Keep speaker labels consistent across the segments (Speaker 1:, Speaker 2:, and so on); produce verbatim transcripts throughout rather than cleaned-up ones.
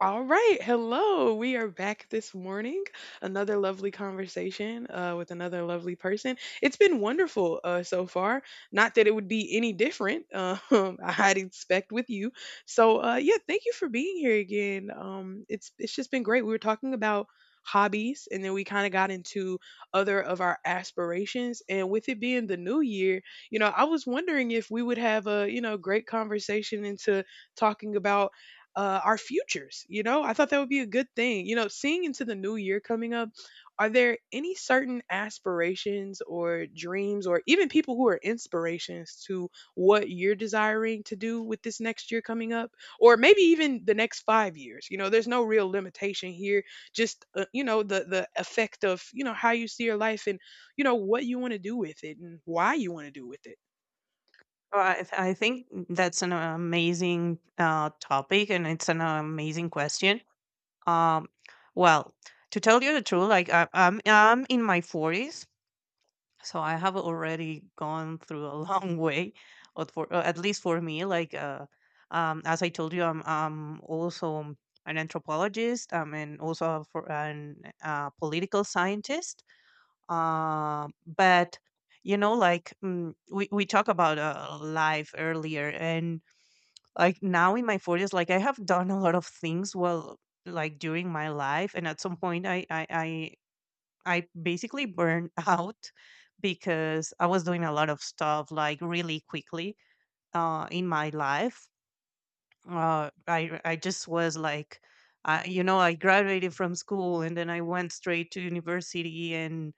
Speaker 1: All right, hello. We are back this morning. Another lovely conversation uh, with another lovely person. It's been wonderful uh, so far. Not that it would be any different, uh, um, I'd expect with you. So uh, yeah, thank you for being here again. Um, it's it's just been great. We were talking about hobbies, and then we kind of got into other of our aspirations. And with it being the new year, you know, I was wondering if we would have a you know great conversation into talking about uh, our futures. You know, I thought that would be a good thing. You know, seeing into the new year coming up, are there any certain aspirations or dreams or even people who are inspirations to what you're desiring to do with this next year coming up, or maybe even the next five years. You know there's no real limitation here, just uh, you know the the effect of you know how you see your life and you know what you want to do with it and why you want to do with it.
Speaker 2: Our And then we probably got into other of our aspirations and what could be in the good year. Oh, I, th- I think that's an amazing uh, topic, and it's an amazing question. Um, well, to tell you the truth, like I, I'm I'm in my forties, so I have already gone through a long way, or for uh, at least for me. Like, uh, um, as I told you, I'm I'm also an anthropologist. I'm an also for an uh, political scientist. Um, but you know, like mm, we we talk about uh, life earlier, and like now in my forties, like I have done a lot of things. Well, like during my life, and at some point, I I I I basically burned out because I was doing a lot of stuff like really quickly uh, in my life. Uh, I I just was like, uh, you know, I graduated from school and then I went straight to university. And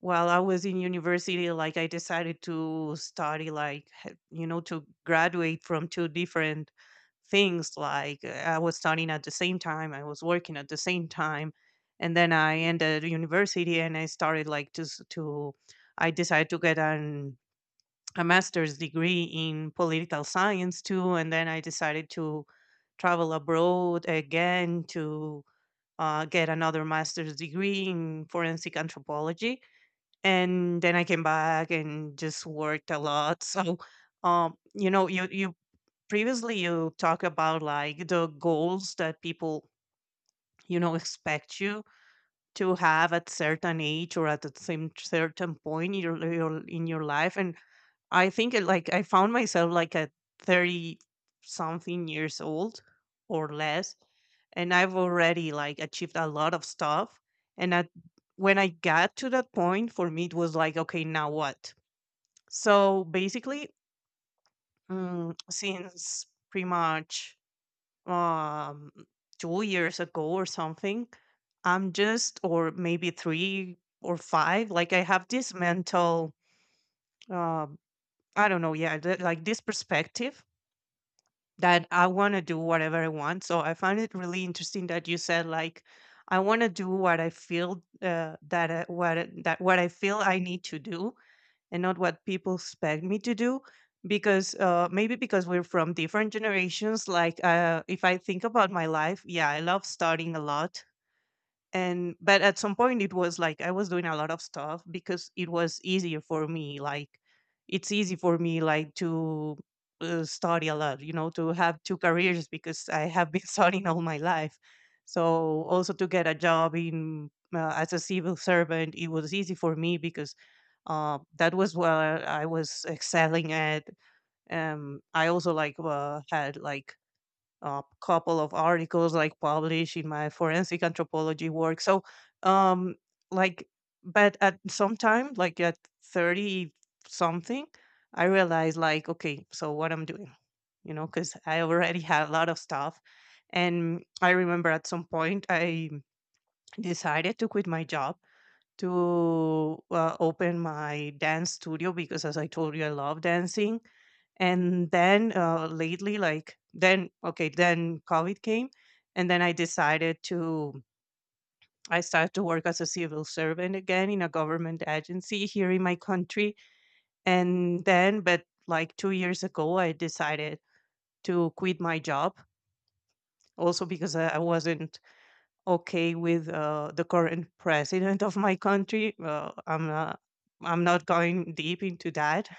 Speaker 2: while I was in university, like I decided to study, like, h- you know, to graduate from two different things. Like, uh, I was studying at the same time, I was working at the same time. And then I ended university and I started, like, to, s- to I decided to get an, a master's degree in political science too. And then I decided to travel abroad again to uh, get another master's degree in forensic anthropology, and then I came back and just worked a lot. So, um, you know, you you previously you talk about like the goals that people, you know, expect you to have at certain age or at the same certain point in your, your in your life. And I think it, like I found myself like at thirty something years old or less, and I've already like achieved a lot of stuff. And at, when I got to that point, for me, it was like, okay, now what? So basically, mm, since pretty much um, two years ago or something, I'm just, or maybe three or five, like I have this mental, um, I don't know, yeah, th- like this perspective that I want to do whatever I want. So I find it really interesting that you said, like, I want to do what I feel uh, that I, what I- that what I feel I need to do, and not what people expect me to do, because uh, maybe because we're from different generations. Like, uh, if I think about my life, yeah, I love studying a lot. And but at some point it was like I was doing a lot of stuff because it was easier for me. Like, it's easy for me, like, to uh, study a lot, you know, to have two careers, because I have been studying all my life. So also to get a job in, uh, as a civil servant, it was easy for me because uh, that was where I was excelling at. Um, I also like uh, had like a couple of articles like published in my forensic anthropology work. So, um, like, but at some time, like at thirty something, I realized like, okay, so what I'm doing, you know, because I already had a lot of stuff. And I remember at some point I decided to quit my job to uh, open my dance studio, because as I told you, I love dancing. And then uh, lately, like, then okay, then COVID came, and then I decided to, I started to work as a civil servant again in a government agency here in my country. And then, but like two years ago, I decided to quit my job, also because i I wasn't okay with uh, the current president of my country. Uh, I'm not. I'm not going deep into that,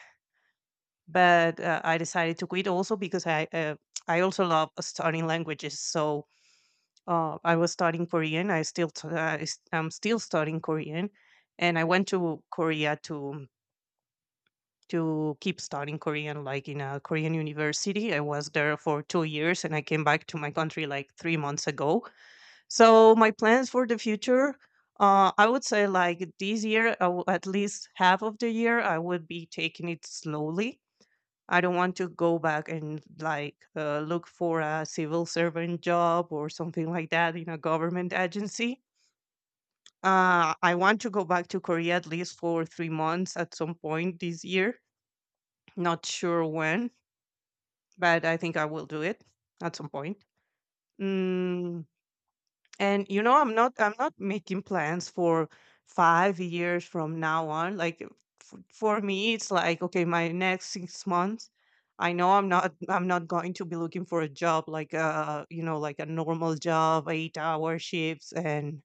Speaker 2: but uh, I decided to quit also because I uh, I also love studying languages. So uh, I was studying Korean. I still t- uh, is- I'm still studying Korean, and I went to Korea to to keep studying Korean, like in a Korean university. I was there for two years, and I came back to my country like three months ago. So my plans for the future, uh, I would say like this year, I w- at least half of the year, I would be taking it slowly. I don't want to go back and like uh, look for a civil servant job or something like that in a government agency. Uh, I want to go back to Korea at least for three months at some point this year. Not sure when, but I think I will do it at some point. Mm, And you know, I'm not I'm not making plans for five years from now on. Like f- for me it's like, okay, my next six months, I know I'm not I'm not going to be looking for a job like, uh, you know, like a normal job, eight-hour shifts, and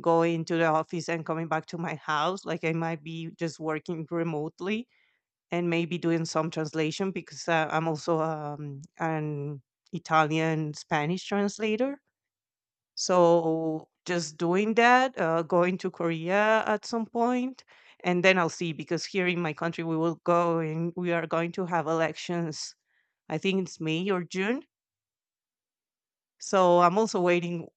Speaker 2: going to the office and coming back to my house. Like I might be just working remotely, and maybe doing some translation, because uh, I'm also um an Italian Spanish translator. So just doing that, uh, going to Korea at some point, and then I'll see, because here in my country we will go, and we are going to have elections. I think it's May or June. So I'm also waiting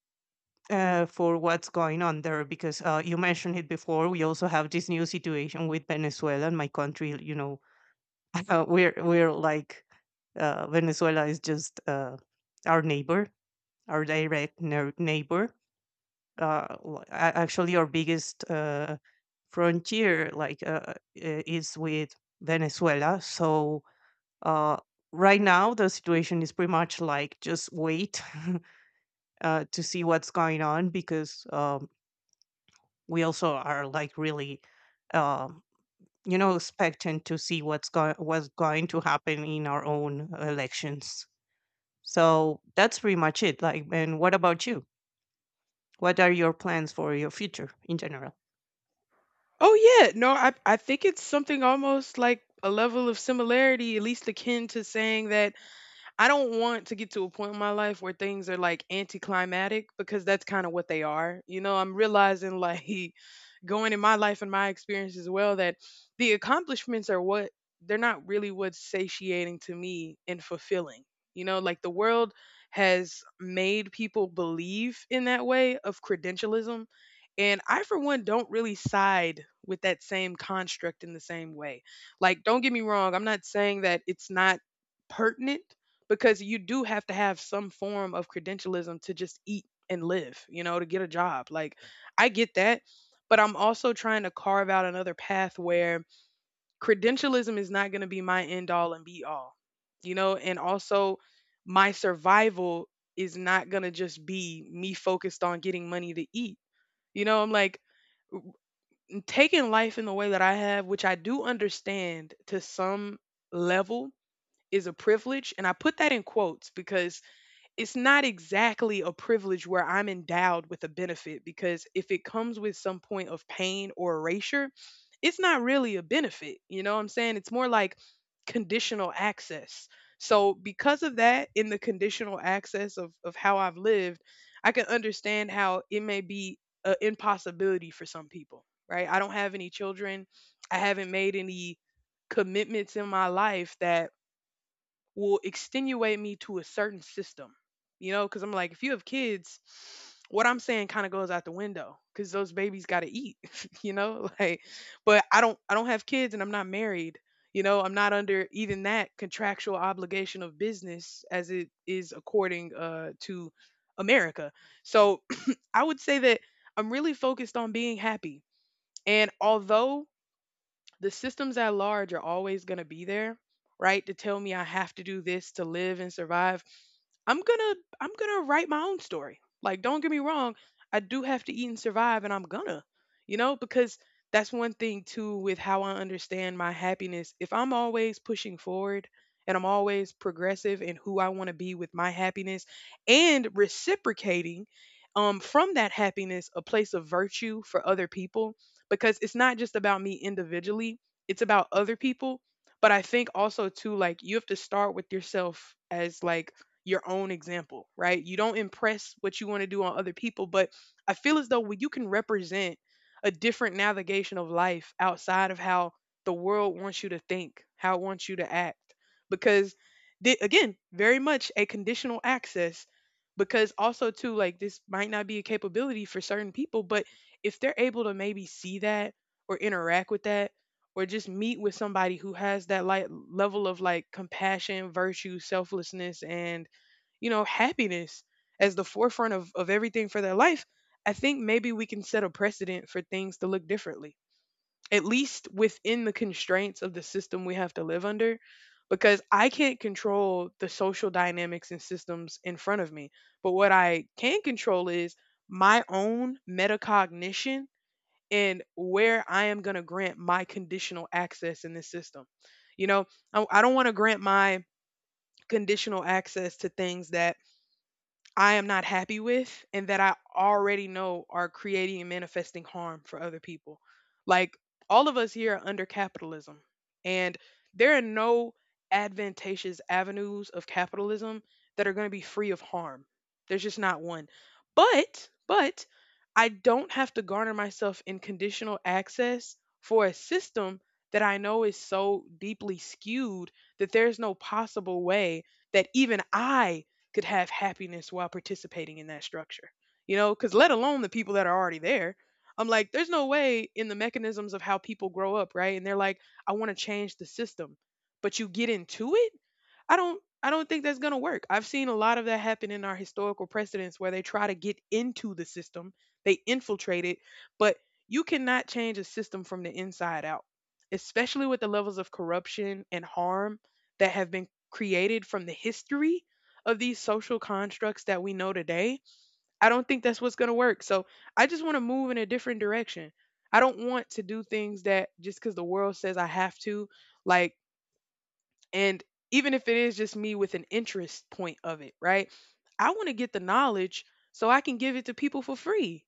Speaker 2: uh, for what's going on there, because uh, you mentioned it before. We also have this new situation with Venezuela and my country. You know, uh, we're we're like uh, Venezuela is just uh, our neighbor, our direct neigh- neighbor, uh, w- a- actually our biggest uh, frontier, like, uh, i- is with Venezuela. So uh, right now the situation is pretty much like just wait uh, to see what's going on, because um, we also are like really, um, you know, expectant to see what's going what's going to happen in our own elections. So that's pretty much it. Like, and what about you? What are your plans for your future in general?
Speaker 1: Oh yeah, no, I I think it's something almost like a level of similarity, at least akin to saying that I don't want to get to a point in my life where things are like anticlimactic, because that's kind of what they are. You know, I'm realizing like going in my life and my experience as well that the accomplishments are what, they're not really what's satiating to me and fulfilling. You know, like the world has made people believe in that way of credentialism. And I, for one, don't really side with that same construct in the same way. Like, don't get me wrong, I'm not saying that it's not pertinent, because you do have to have some form of credentialism to just eat and live, you know, to get a job. Like, I get that. But I'm also trying to carve out another path where credentialism is not going to be my end all and be all, you know, and also my survival is not going to just be me focused on getting money to eat. You know, I'm like w- taking life in the way that I have, which I do understand to some level is a privilege. And I put that in quotes because it's not exactly a privilege where I'm endowed with a benefit, because if it comes with some point of pain or erasure, it's not really a benefit. You know what I'm saying? It's more like conditional access. So, because of that, in the conditional access of, of how I've lived, I can understand how it may be an impossibility for some people, right? I don't have any children. I haven't made any commitments in my life that will extenuate me to a certain system, you know, because I'm like, if you have kids, what I'm saying kind of goes out the window because those babies got to eat, you know, like, but I don't, I don't have kids and I'm not married. You know, I'm not under even that contractual obligation of business as it is according uh, to America. So I would say that I'm really focused on being happy. And although the systems at large are always going to be there, right? To tell me I have to do this to live and survive. I'm gonna I'm gonna write my own story. Like, don't get me wrong, I do have to eat and survive, and I'm gonna, you know, because that's one thing too with how I understand my happiness. If I'm always pushing forward and I'm always progressive in who I want to be with my happiness and reciprocating um, from that happiness a place of virtue for other people, because it's not just about me individually, it's about other people. But I think also too, like you have to start with yourself as like your own example, right? You don't impress what you want to do on other people, but I feel as though when you can represent a different navigation of life outside of how the world wants you to think, how it wants you to act, because, the, again, very much a conditional access. Because also too, like this might not be a capability for certain people, but if they're able to maybe see that or interact with that or just meet with somebody who has that like level of like compassion, virtue, selflessness and, you know, happiness as the forefront of, of everything for their life, I think maybe we can set a precedent for things to look differently, at least within the constraints of the system we have to live under. Because I can't control the social dynamics and systems in front of me. But what I can control is my own metacognition and where I am going to grant my conditional access in this system. You know, I, I don't want to grant my conditional access to things that I am not happy with and that I already know are creating and manifesting harm for other people. Like all of us here are under capitalism, and there are no advantageous avenues of capitalism that are going to be free of harm. There's just not one. But but I don't have to garner myself in conditional access for a system that I know is so deeply skewed that there's no possible way that even I could have happiness while participating in that structure. You know, because let alone the people that are already there. I'm like, there's no way in the mechanisms of how people grow up, right? And they're like, I want to change the system, but you get into it. I don't. I don't think that's gonna work. I've seen a lot of that happen in our historical precedents where they try to get into the system, they infiltrate it, but you cannot change a system from the inside out, especially with the levels of corruption and harm that have been created from the history of these social constructs that we know today. I don't think that's what's going to work. So I just want to move in a different direction. I don't want to do things that just because the world says I have to, like, and even if it is just me with an interest point of it, right? I want to get the knowledge so I can give it to people for free.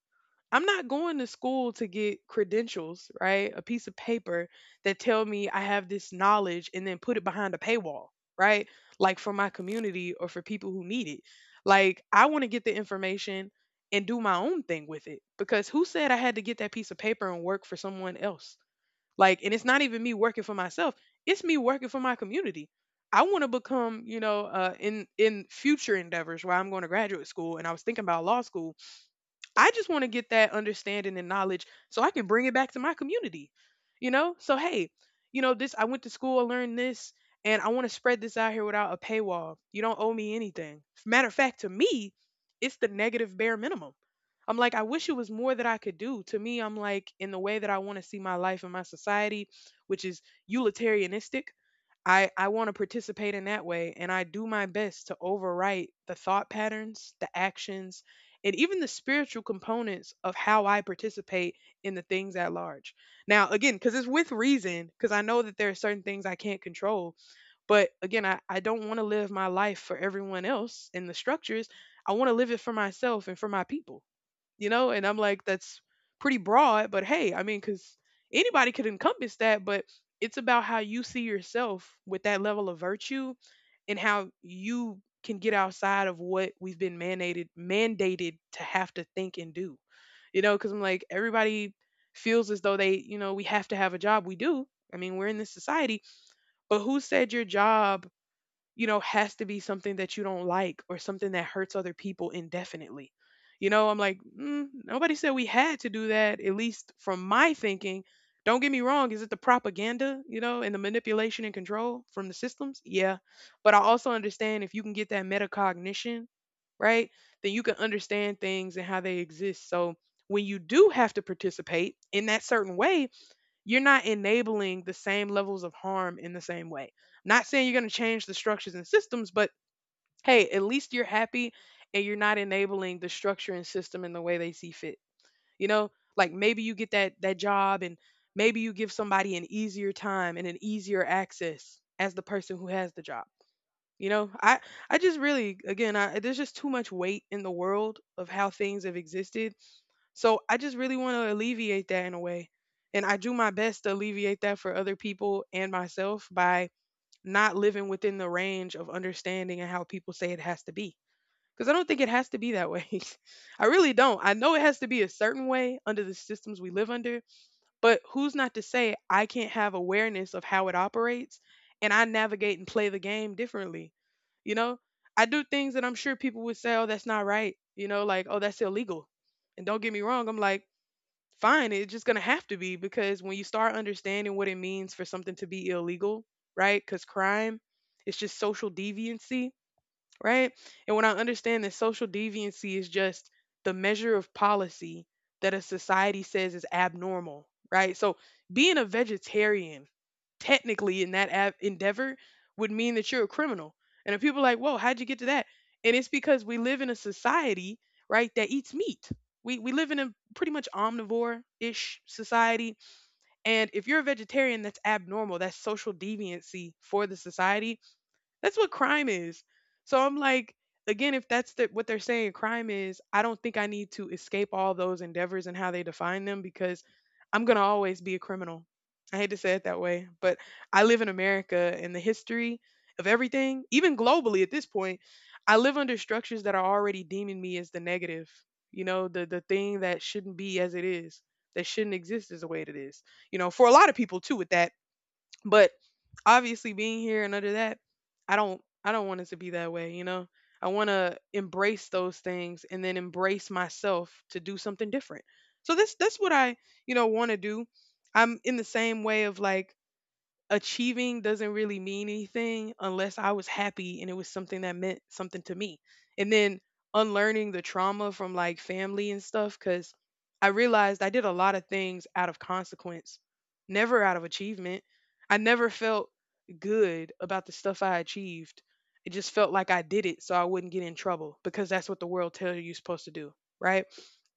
Speaker 1: I'm not going to school to get credentials, right? A piece of paper that tell me I have this knowledge and then put it behind a paywall, right? Like for my community or for people who need it. Like I want to get the information and do my own thing with it, because who said I had to get that piece of paper and work for someone else? Like, and it's not even me working for myself, it's me working for my community. I want to become, you know, uh, in in future endeavors where I'm going to graduate school, and I was thinking about law school. I just want to get that understanding and knowledge so I can bring it back to my community. You know? So hey, you know, this, I went to school, I learned this, and I want to spread this out here without a paywall. You don't owe me anything. Matter of fact, to me, it's the negative bare minimum. I'm like, I wish it was more that I could do. To me, I'm like, in the way that I want to see my life and my society, which is utilitarianistic, I I want to participate in that way, and I do my best to overwrite the thought patterns, the actions, and even the spiritual components of how I participate in the things at large. Now, again, because it's with reason, because I know that there are certain things I can't control. But again, I, I don't want to live my life for everyone else and the structures. I want to live it for myself and for my people. You know, and I'm like, that's pretty broad, but hey, I mean, because anybody could encompass that, but it's about how you see yourself with that level of virtue and how you can get outside of what we've been mandated mandated to have to think and do. You know, because I'm like, everybody feels as though they, you know, we have to have a job, we do, I mean, we're in this society, but who said your job, you know, has to be something that you don't like or something that hurts other people indefinitely. You know, I'm like, mm, nobody said we had to do that, at least from my thinking. Don't get me wrong, is it the propaganda, you know, and the manipulation and control from the systems? Yeah. But I also understand, if you can get that metacognition, right, then you can understand things and how they exist. So when you do have to participate in that certain way, you're not enabling the same levels of harm in the same way. Not saying you're going to change the structures and systems, but hey, at least you're happy and you're not enabling the structure and system in the way they see fit. You know, like maybe you get that that job, and maybe you give somebody an easier time and an easier access as the person who has the job. You know, I I just really, again, I, there's just too much weight in the world of how things have existed, so I just really want to alleviate that in a way. And I do my best to alleviate that for other people and myself by not living within the range of understanding and how people say it has to be. Because I don't think it has to be that way. I really don't. I know it has to be a certain way under the systems we live under, but who's not to say I can't have awareness of how it operates and I navigate and play the game differently? You know, I do things that I'm sure people would say, oh, that's not right. You know, like, oh, that's illegal. And don't get me wrong, I'm like, fine, it's just gonna have to be, because when you start understanding what it means for something to be illegal, right? Because crime, it's just social deviancy, right? And when I understand that social deviancy is just the measure of policy that a society says is abnormal, right? So being a vegetarian, technically in that ab- endeavor, would mean that you're a criminal. And if people are like, whoa, how'd you get to that? And it's because we live in a society, right, that eats meat. We, we live in a pretty much omnivore ish society. And if you're a vegetarian, that's abnormal. That's social deviancy for the society. That's what crime is. So I'm like, again, if that's the, what they're saying crime is, I don't think I need to escape all those endeavors and how they define them, because I'm going to always be a criminal. I hate to say it that way, but I live in America, and the history of everything, even globally at this point, I live under structures that are already deeming me as the negative, you know, the the thing that shouldn't be as it is, that shouldn't exist as the way it is. You know, for a lot of people too with that. But obviously, being here and under that, i don't i don't want it to be that way, you know. I want to embrace those things and then embrace myself to do something different. So this that's what I, you know, want to do. I'm in the same way of like, achieving doesn't really mean anything unless I was happy and it was something that meant something to me. And then unlearning the trauma from like family and stuff, because I realized I did a lot of things out of consequence, never out of achievement. I never felt good about the stuff I achieved. It just felt like I did it so I wouldn't get in trouble, because that's what the world tells you you're supposed to do, right?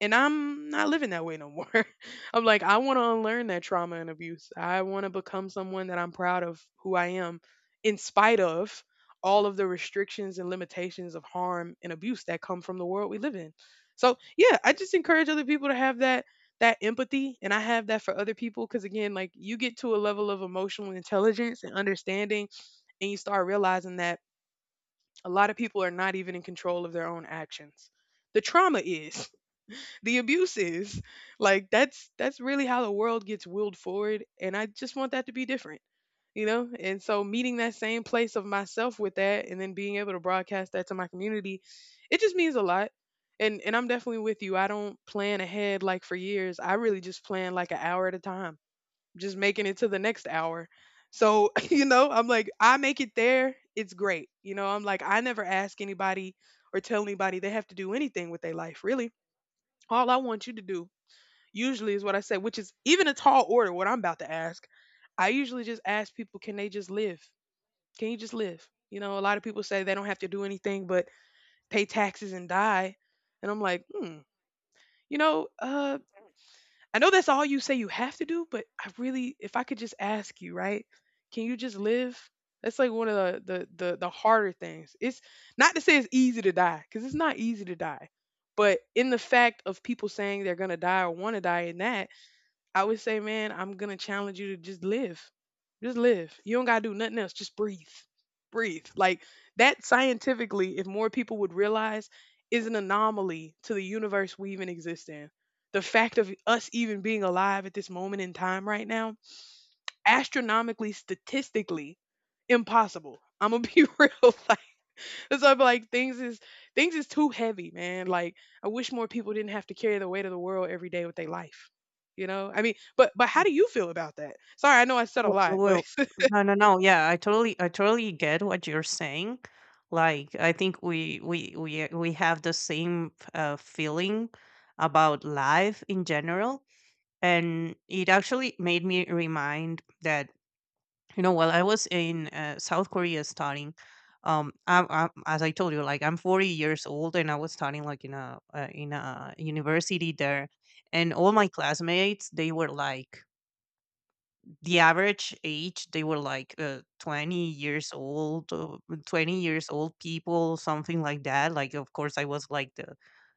Speaker 1: And I'm not living that way no more. I'm like, I want to unlearn that trauma and abuse. I want to become someone that I'm proud of who I am, in spite of all of the restrictions and limitations of harm and abuse that come from the world we live in. So yeah, I just encourage other people to have that that empathy, and I have that for other people, because again, like, you get to a level of emotional intelligence and understanding, and you start realizing that a lot of people are not even in control of their own actions. The trauma is. The abuse is. Like, that's that's really how the world gets willed forward, and I just want that to be different. You know? And so meeting that same place of myself with that, and then being able to broadcast that to my community, it just means a lot. And and I'm definitely with you. I don't plan ahead like for years. I really just plan like an hour at a time. Just making it to the next hour. So, you know, I'm like, I make it there, it's great. You know, I'm like, I never ask anybody or tell anybody they have to do anything with their life. Really, all I want you to do, usually, is what I say, which is even a tall order, what I'm about to ask. I usually just ask people, can they just live? Can you just live? You know, a lot of people say they don't have to do anything but pay taxes and die. And I'm like, hmm, you know, uh, I know that's all you say you have to do, but I really, if I could just ask you, right? Can you just live? That's like one of the the the, the harder things. It's not to say it's easy to die, because it's not easy to die. But in the fact of people saying they're gonna die or want to die in that, I would say, man, I'm gonna challenge you to just live. Just live. You don't gotta do nothing else. Just breathe. Breathe. Like, that scientifically, if more people would realize, is an anomaly to the universe we even exist in. The fact of us even being alive at this moment in time right now, astronomically, statistically, impossible. I'm gonna be real. Like, so I'm like, things is things is too heavy, man. Like, I wish more people didn't have to carry the weight of the world every day with their life. You know? I mean, but but how
Speaker 2: Yeah.
Speaker 1: do you feel about that? Sorry, I know I said a
Speaker 2: W
Speaker 1: lot, but...
Speaker 2: well, no, no, no, yeah, I totally I totally get what you're saying. Like, I think we we we uh, we have the same, uh, feeling about life in general, and it actually made me remind that, you know, while I was in, uh, South Korea studying, um, I I as I told you, like, I'm forty years old, and I was studying, like, in a, uh, in a university there, and all my classmates, they were like the average age, they were like uh, twenty years old, uh, twenty years old people, something like that. Like, of course I was like the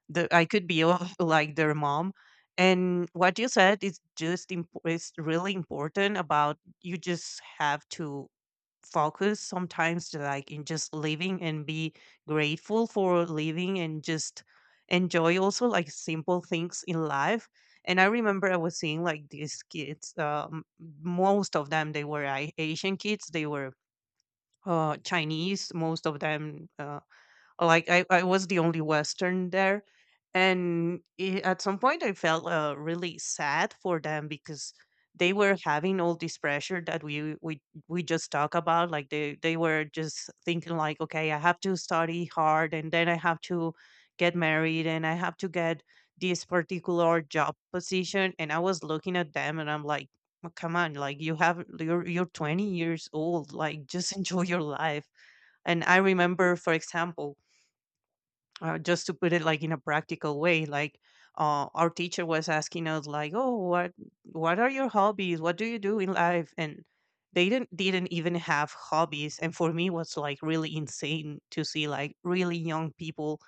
Speaker 2: the I could be uh, like their mom. And what you said is just imp- is really important, about you just have to focus sometimes to like in just living, and be grateful for living, and just enjoy also like simple things in life. And I remember I was seeing like these kids, um, most of them, they were I Asian kids. They were uh, Chinese, most of them. Uh, like, I, I was the only Western there, and I at some point I felt uh, really sad for them, because they were having all this pressure that we we we just talk about. Like, they they were just thinking like, okay, I have to study hard, and then I have to get married, and I have to get this particular job position. And I was looking at them, and I'm like, "Oh, come on, like you have you're you're twenty years old, like just enjoy your life." And I remember, for example, uh, just to put it like in a practical way, like uh, our teacher was asking us like, oh, what what are your hobbies, what do you do in life, and they didn't didn't even have hobbies. And for me it was like really insane to see like really young people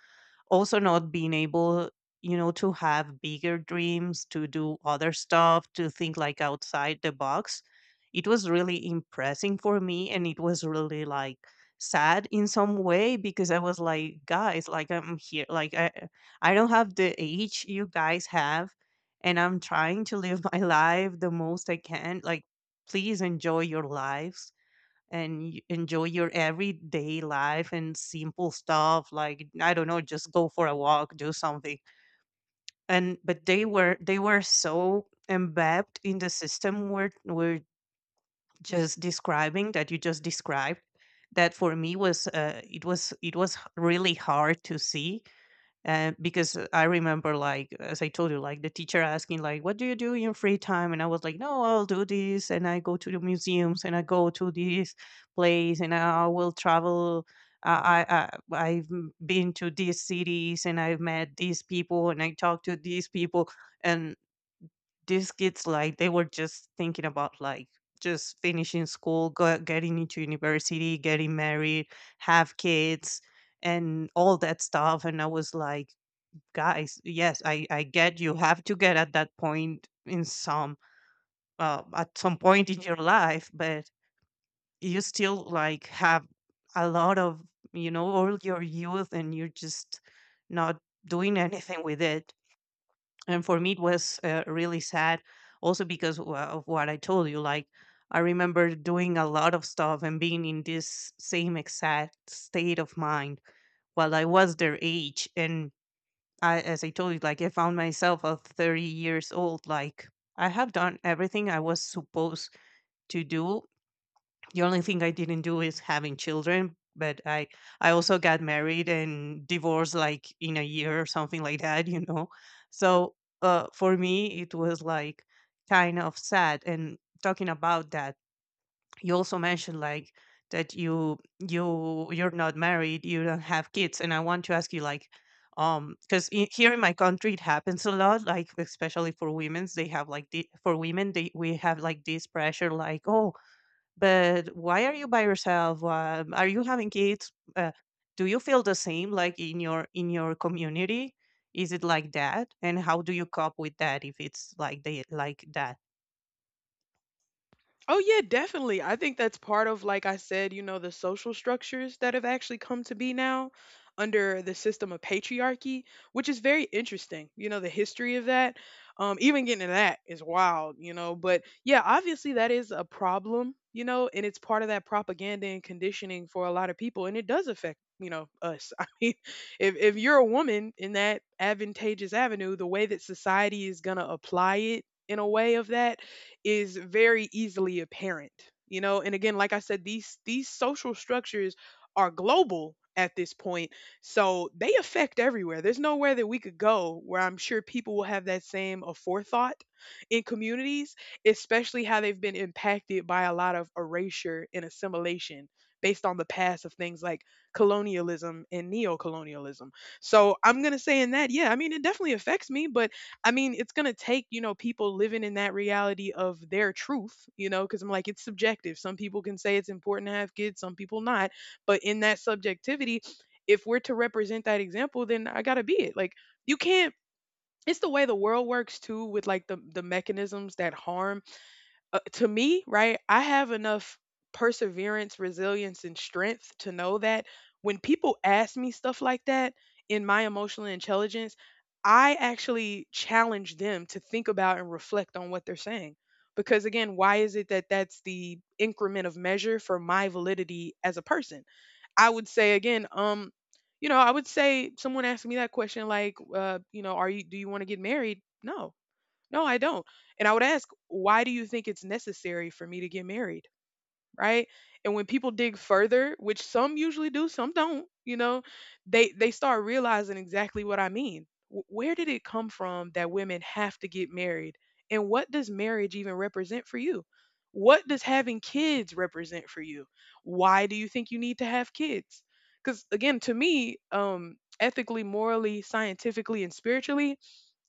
Speaker 2: also not being able, you know, to have bigger dreams, to do other stuff, to think like outside the box. It was really impressing for me, and it was really like sad in some way, because I was like, guys, like, I'm here, like, i i don't have the age you guys have, and I'm trying to live my life the most I can. Like, please enjoy your lives, and y- enjoy your everyday life and simple stuff, like, I don't know, just go for a walk, do something. And but they were, they were so embedded in the system we're we're just describing that you just described, that for me was uh, it was it was h- really hard to see. And because uh, I remember, like as I told you, like the teacher asking, like, "What do you do in your free time?" And I was like, "No, I'll do this, and I go to the museums, and I go to this place, and I will travel. I, I I- I've m- been to these cities, and I've met these people, and I talked to these people." And these kids, like, they were just thinking about like just finishing school, go, getting into university, getting married, have kids, and all that stuff. And I was like, guys, yes, I I get you have to get at that point in some uh, at some point in your life, but you still like have a lot of, you know, all your youth, and you're just not doing anything with it. And for me it was uh, really sad, also because wha- of what I told you. Like, I remember doing a lot of stuff and being in this same exact state of mind while I was their age. And I, as I told you, like I found myself at thirty years old. Like, I have done everything I was supposed to do. The only thing I didn't do is having children. But I, I also got married and divorced like in a year or something like that, you know. So uh, for me, it was like kind of sad. And talking about that, you also mentioned like that you you you're not married, you don't have kids, and I want to ask you like, um because here in my country it happens a lot, like especially for women's, they have like the, for women they, we have like this pressure, like, oh, but why are you by yourself, uh, are you having kids, uh, do you feel the same, like in your in your community, is it like that, and how do you cope with that if it's like they like that?
Speaker 1: Oh yeah, definitely. I think that's part of, like I said, you know, the social structures that have actually come to be now under the system of patriarchy, which is very interesting. You know, the history of that. Um, even getting to that is wild, you know. But yeah, obviously that is a problem, you know, and it's part of that propaganda and conditioning for a lot of people, and it does affect, you know, us. I mean, if if you're a woman in that advantageous avenue, the way that society is gonna apply it in a way of that is very easily apparent. You know, and again, like I said, these these social structures are global at this point, so they affect everywhere. There's nowhere that we could go where I'm sure people will have that same aforethought in communities, especially how they've been impacted by a lot of erasure and assimilation based on the past of things like colonialism and neocolonialism. So I'm going to say in that, yeah, I mean, it definitely affects me. But I mean, it's gonna take, you know, people living in that reality of their truth, you know, because I'm like, it's subjective. Some people can say it's important to have kids, some people not. But in that subjectivity, if we're to represent that example, then I gotta be it. Like, you can't. It's the way the world works too, with like the the mechanisms that harm. Uh, to me, right, I have enough perseverance, resilience, and strength to know that when people ask me stuff like that, in my emotional intelligence, I actually challenge them to think about and reflect on what they're saying. Because again, why is it that that's the increment of measure for my validity as a person? I would say again, um, you know, I would say, someone asked me that question like, uh, you know, are you do you want to get married? No, no, I don't. And I would ask, why do you think it's necessary for me to get married? Right? And when people dig further, which some usually do, some don't, you know, they they start realizing exactly what I mean. Wh- Where did it come from that women have to get married? And what does marriage even represent for you? What does having kids represent for you? Why do you think you need to have kids? Cuz again, to me, um ethically, morally, scientifically, and spiritually,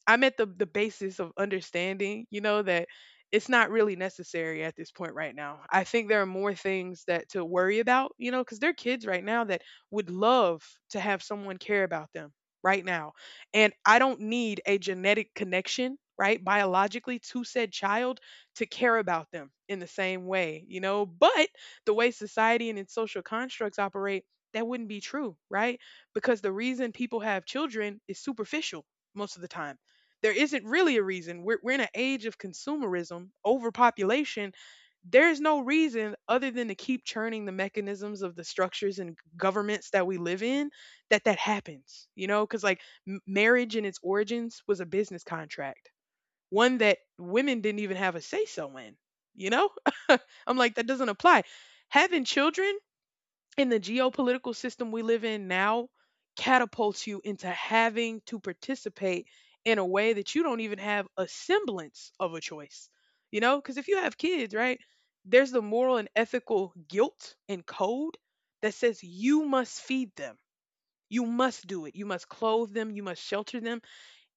Speaker 1: I'm at the the basis of understanding, you know, that it's not really necessary at this point right now. I think there are more things that to worry about, you know, because there are kids right now that would love to have someone care about them right now. And I don't need a genetic connection, right, biologically to said child to care about them in the same way, you know. But the way society and its social constructs operate, that wouldn't be true, right? Because the reason people have children is superficial most of the time there isn't really a reason. We're, we're in an age of consumerism, overpopulation. There's no reason other than to keep churning the mechanisms of the structures and governments that we live in that that happens, you know? Because like m- marriage in its origins was a business contract, one that women didn't even have a say so in, you know? I'm like, that doesn't apply. Having children in the geopolitical system we live in now catapults you into having to participate in a way that you don't even have a semblance of a choice. You know, because if you have kids, right, there's the moral and ethical guilt and code that says you must feed them, you must do it, you must clothe them, you must shelter them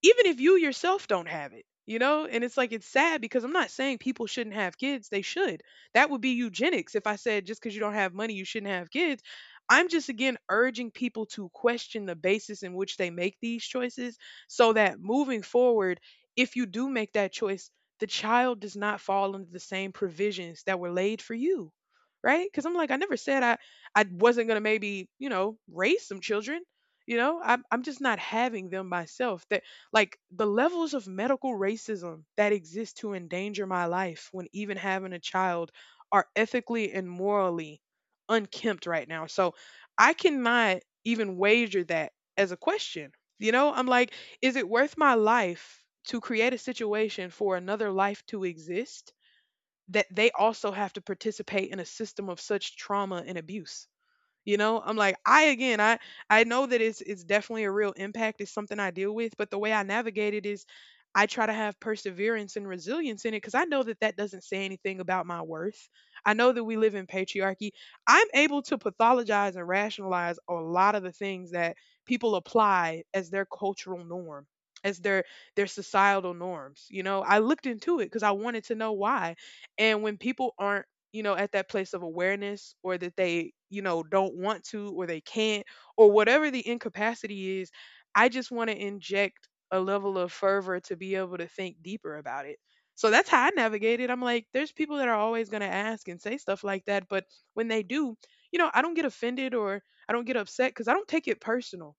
Speaker 1: even if you yourself don't have it, you know. And it's like it's sad because I'm not saying people shouldn't have kids, they should. That would be eugenics if I said just because you don't have money you shouldn't have kids. I'm just again urging people to question the basis in which they make these choices so that moving forward, if you do make that choice, the child does not fall under the same provisions that were laid for you, right? Because I'm like, I never said i i wasn't going to, maybe, you know, raise some children. you know I'm, I'm just not having them myself. That, like, the levels of medical racism that exist to endanger my life when even having a child are ethically and morally unkempt right now. So I cannot even wager that as a question. You know, I'm like, is it worth my life to create a situation for another life to exist that they also have to participate in a system of such trauma and abuse? You know, I'm like, I again, I I know that it's it's definitely a real impact. It's something I deal with, but the way I navigate it is I try to have perseverance and resilience in it because I know that that doesn't say anything about my worth. I know that we live in patriarchy. I'm able to pathologize and rationalize a lot of the things that people apply as their cultural norm, as their their societal norms. You know, I looked into it because I wanted to know why. And when people aren't, you know, at that place of awareness, or that they, you know, don't want to, or they can't, or whatever the incapacity is, I just want to inject a level of fervor to be able to think deeper about it. So that's how I navigate it. I'm like, there's people that are always going to ask and say stuff like that. But when they do, you know, I don't get offended, or I don't get upset because I don't take it personal.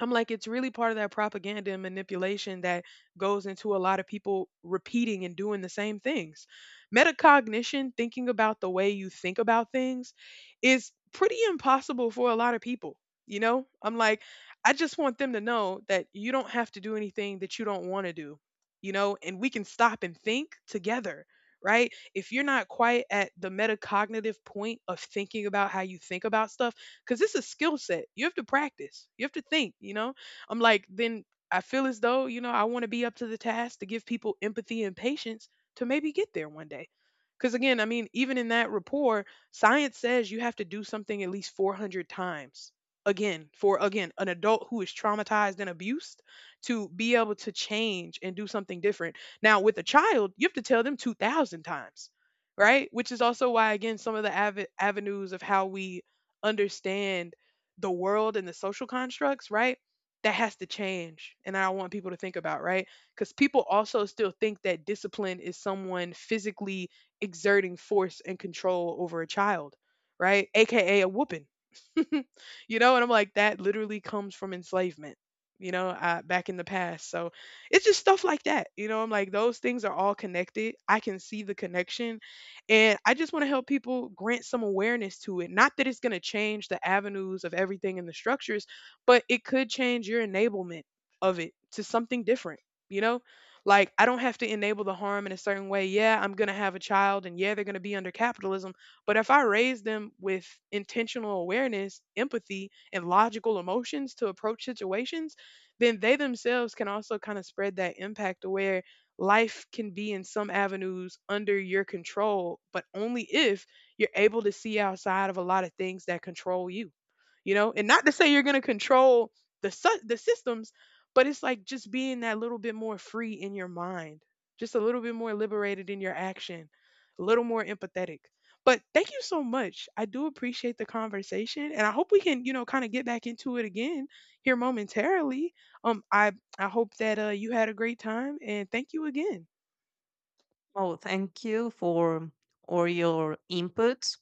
Speaker 1: I'm like, it's really part of that propaganda and manipulation that goes into a lot of people repeating and doing the same things. Metacognition, thinking about the way you think about things, is pretty impossible for a lot of people. You know, I'm like, I just want them to know that you don't have to do anything that you don't want to do, you know, and we can stop and think together, right? If you're not quite at the metacognitive point of thinking about how you think about stuff, because this is skill set. You have to practice. You have to think. You know, I'm like, then I feel as though, you know, I want to be up to the task to give people empathy and patience to maybe get there one day. Because again, I mean, even in that rapport, science says you have to do something at least four hundred times. Again, for, again, an adult who is traumatized and abused to be able to change and do something different. Now, with a child, you have to tell them two thousand times, right? Which is also why, again, some of the ave- avenues of how we understand the world and the social constructs, right? That has to change. And I want people to think about, right? Because people also still think that discipline is someone physically exerting force and control over a child, right? AKA a a whooping. You know, and I'm like, that literally comes from enslavement, you know, uh, back in the past. So it's just stuff like that. You know, I'm like, those things are all connected. I can see the connection and I just want to help people grant some awareness to it. Not that it's going to change the avenues of everything in the structures, but it could change your enablement of it to something different, you know? Like, I don't have to enable the harm in a certain way. Yeah, I'm going to have a child, and yeah, they're going to be under capitalism. But if I raise them with intentional awareness, empathy, and logical emotions to approach situations, then they themselves can also kind of spread that impact aware life can be in some avenues under your control, but only if you're able to see outside of a lot of things that control you. You know, and not to say you're going to control the su- the systems, but it's like just being that little bit more free in your mind, just a little bit more liberated in your action, a little more empathetic. But thank you so much. I do appreciate the conversation and I hope we can, you know, kind of get back into it again here momentarily. Um I I hope that uh, you had a great time and thank you again.
Speaker 2: Oh, thank you for all your inputs.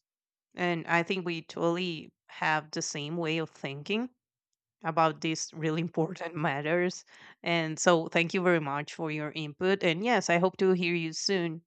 Speaker 2: And I think we totally have the same way of thinking about these really important matters. And so thank you very much for your input. And yes, I hope to hear you soon.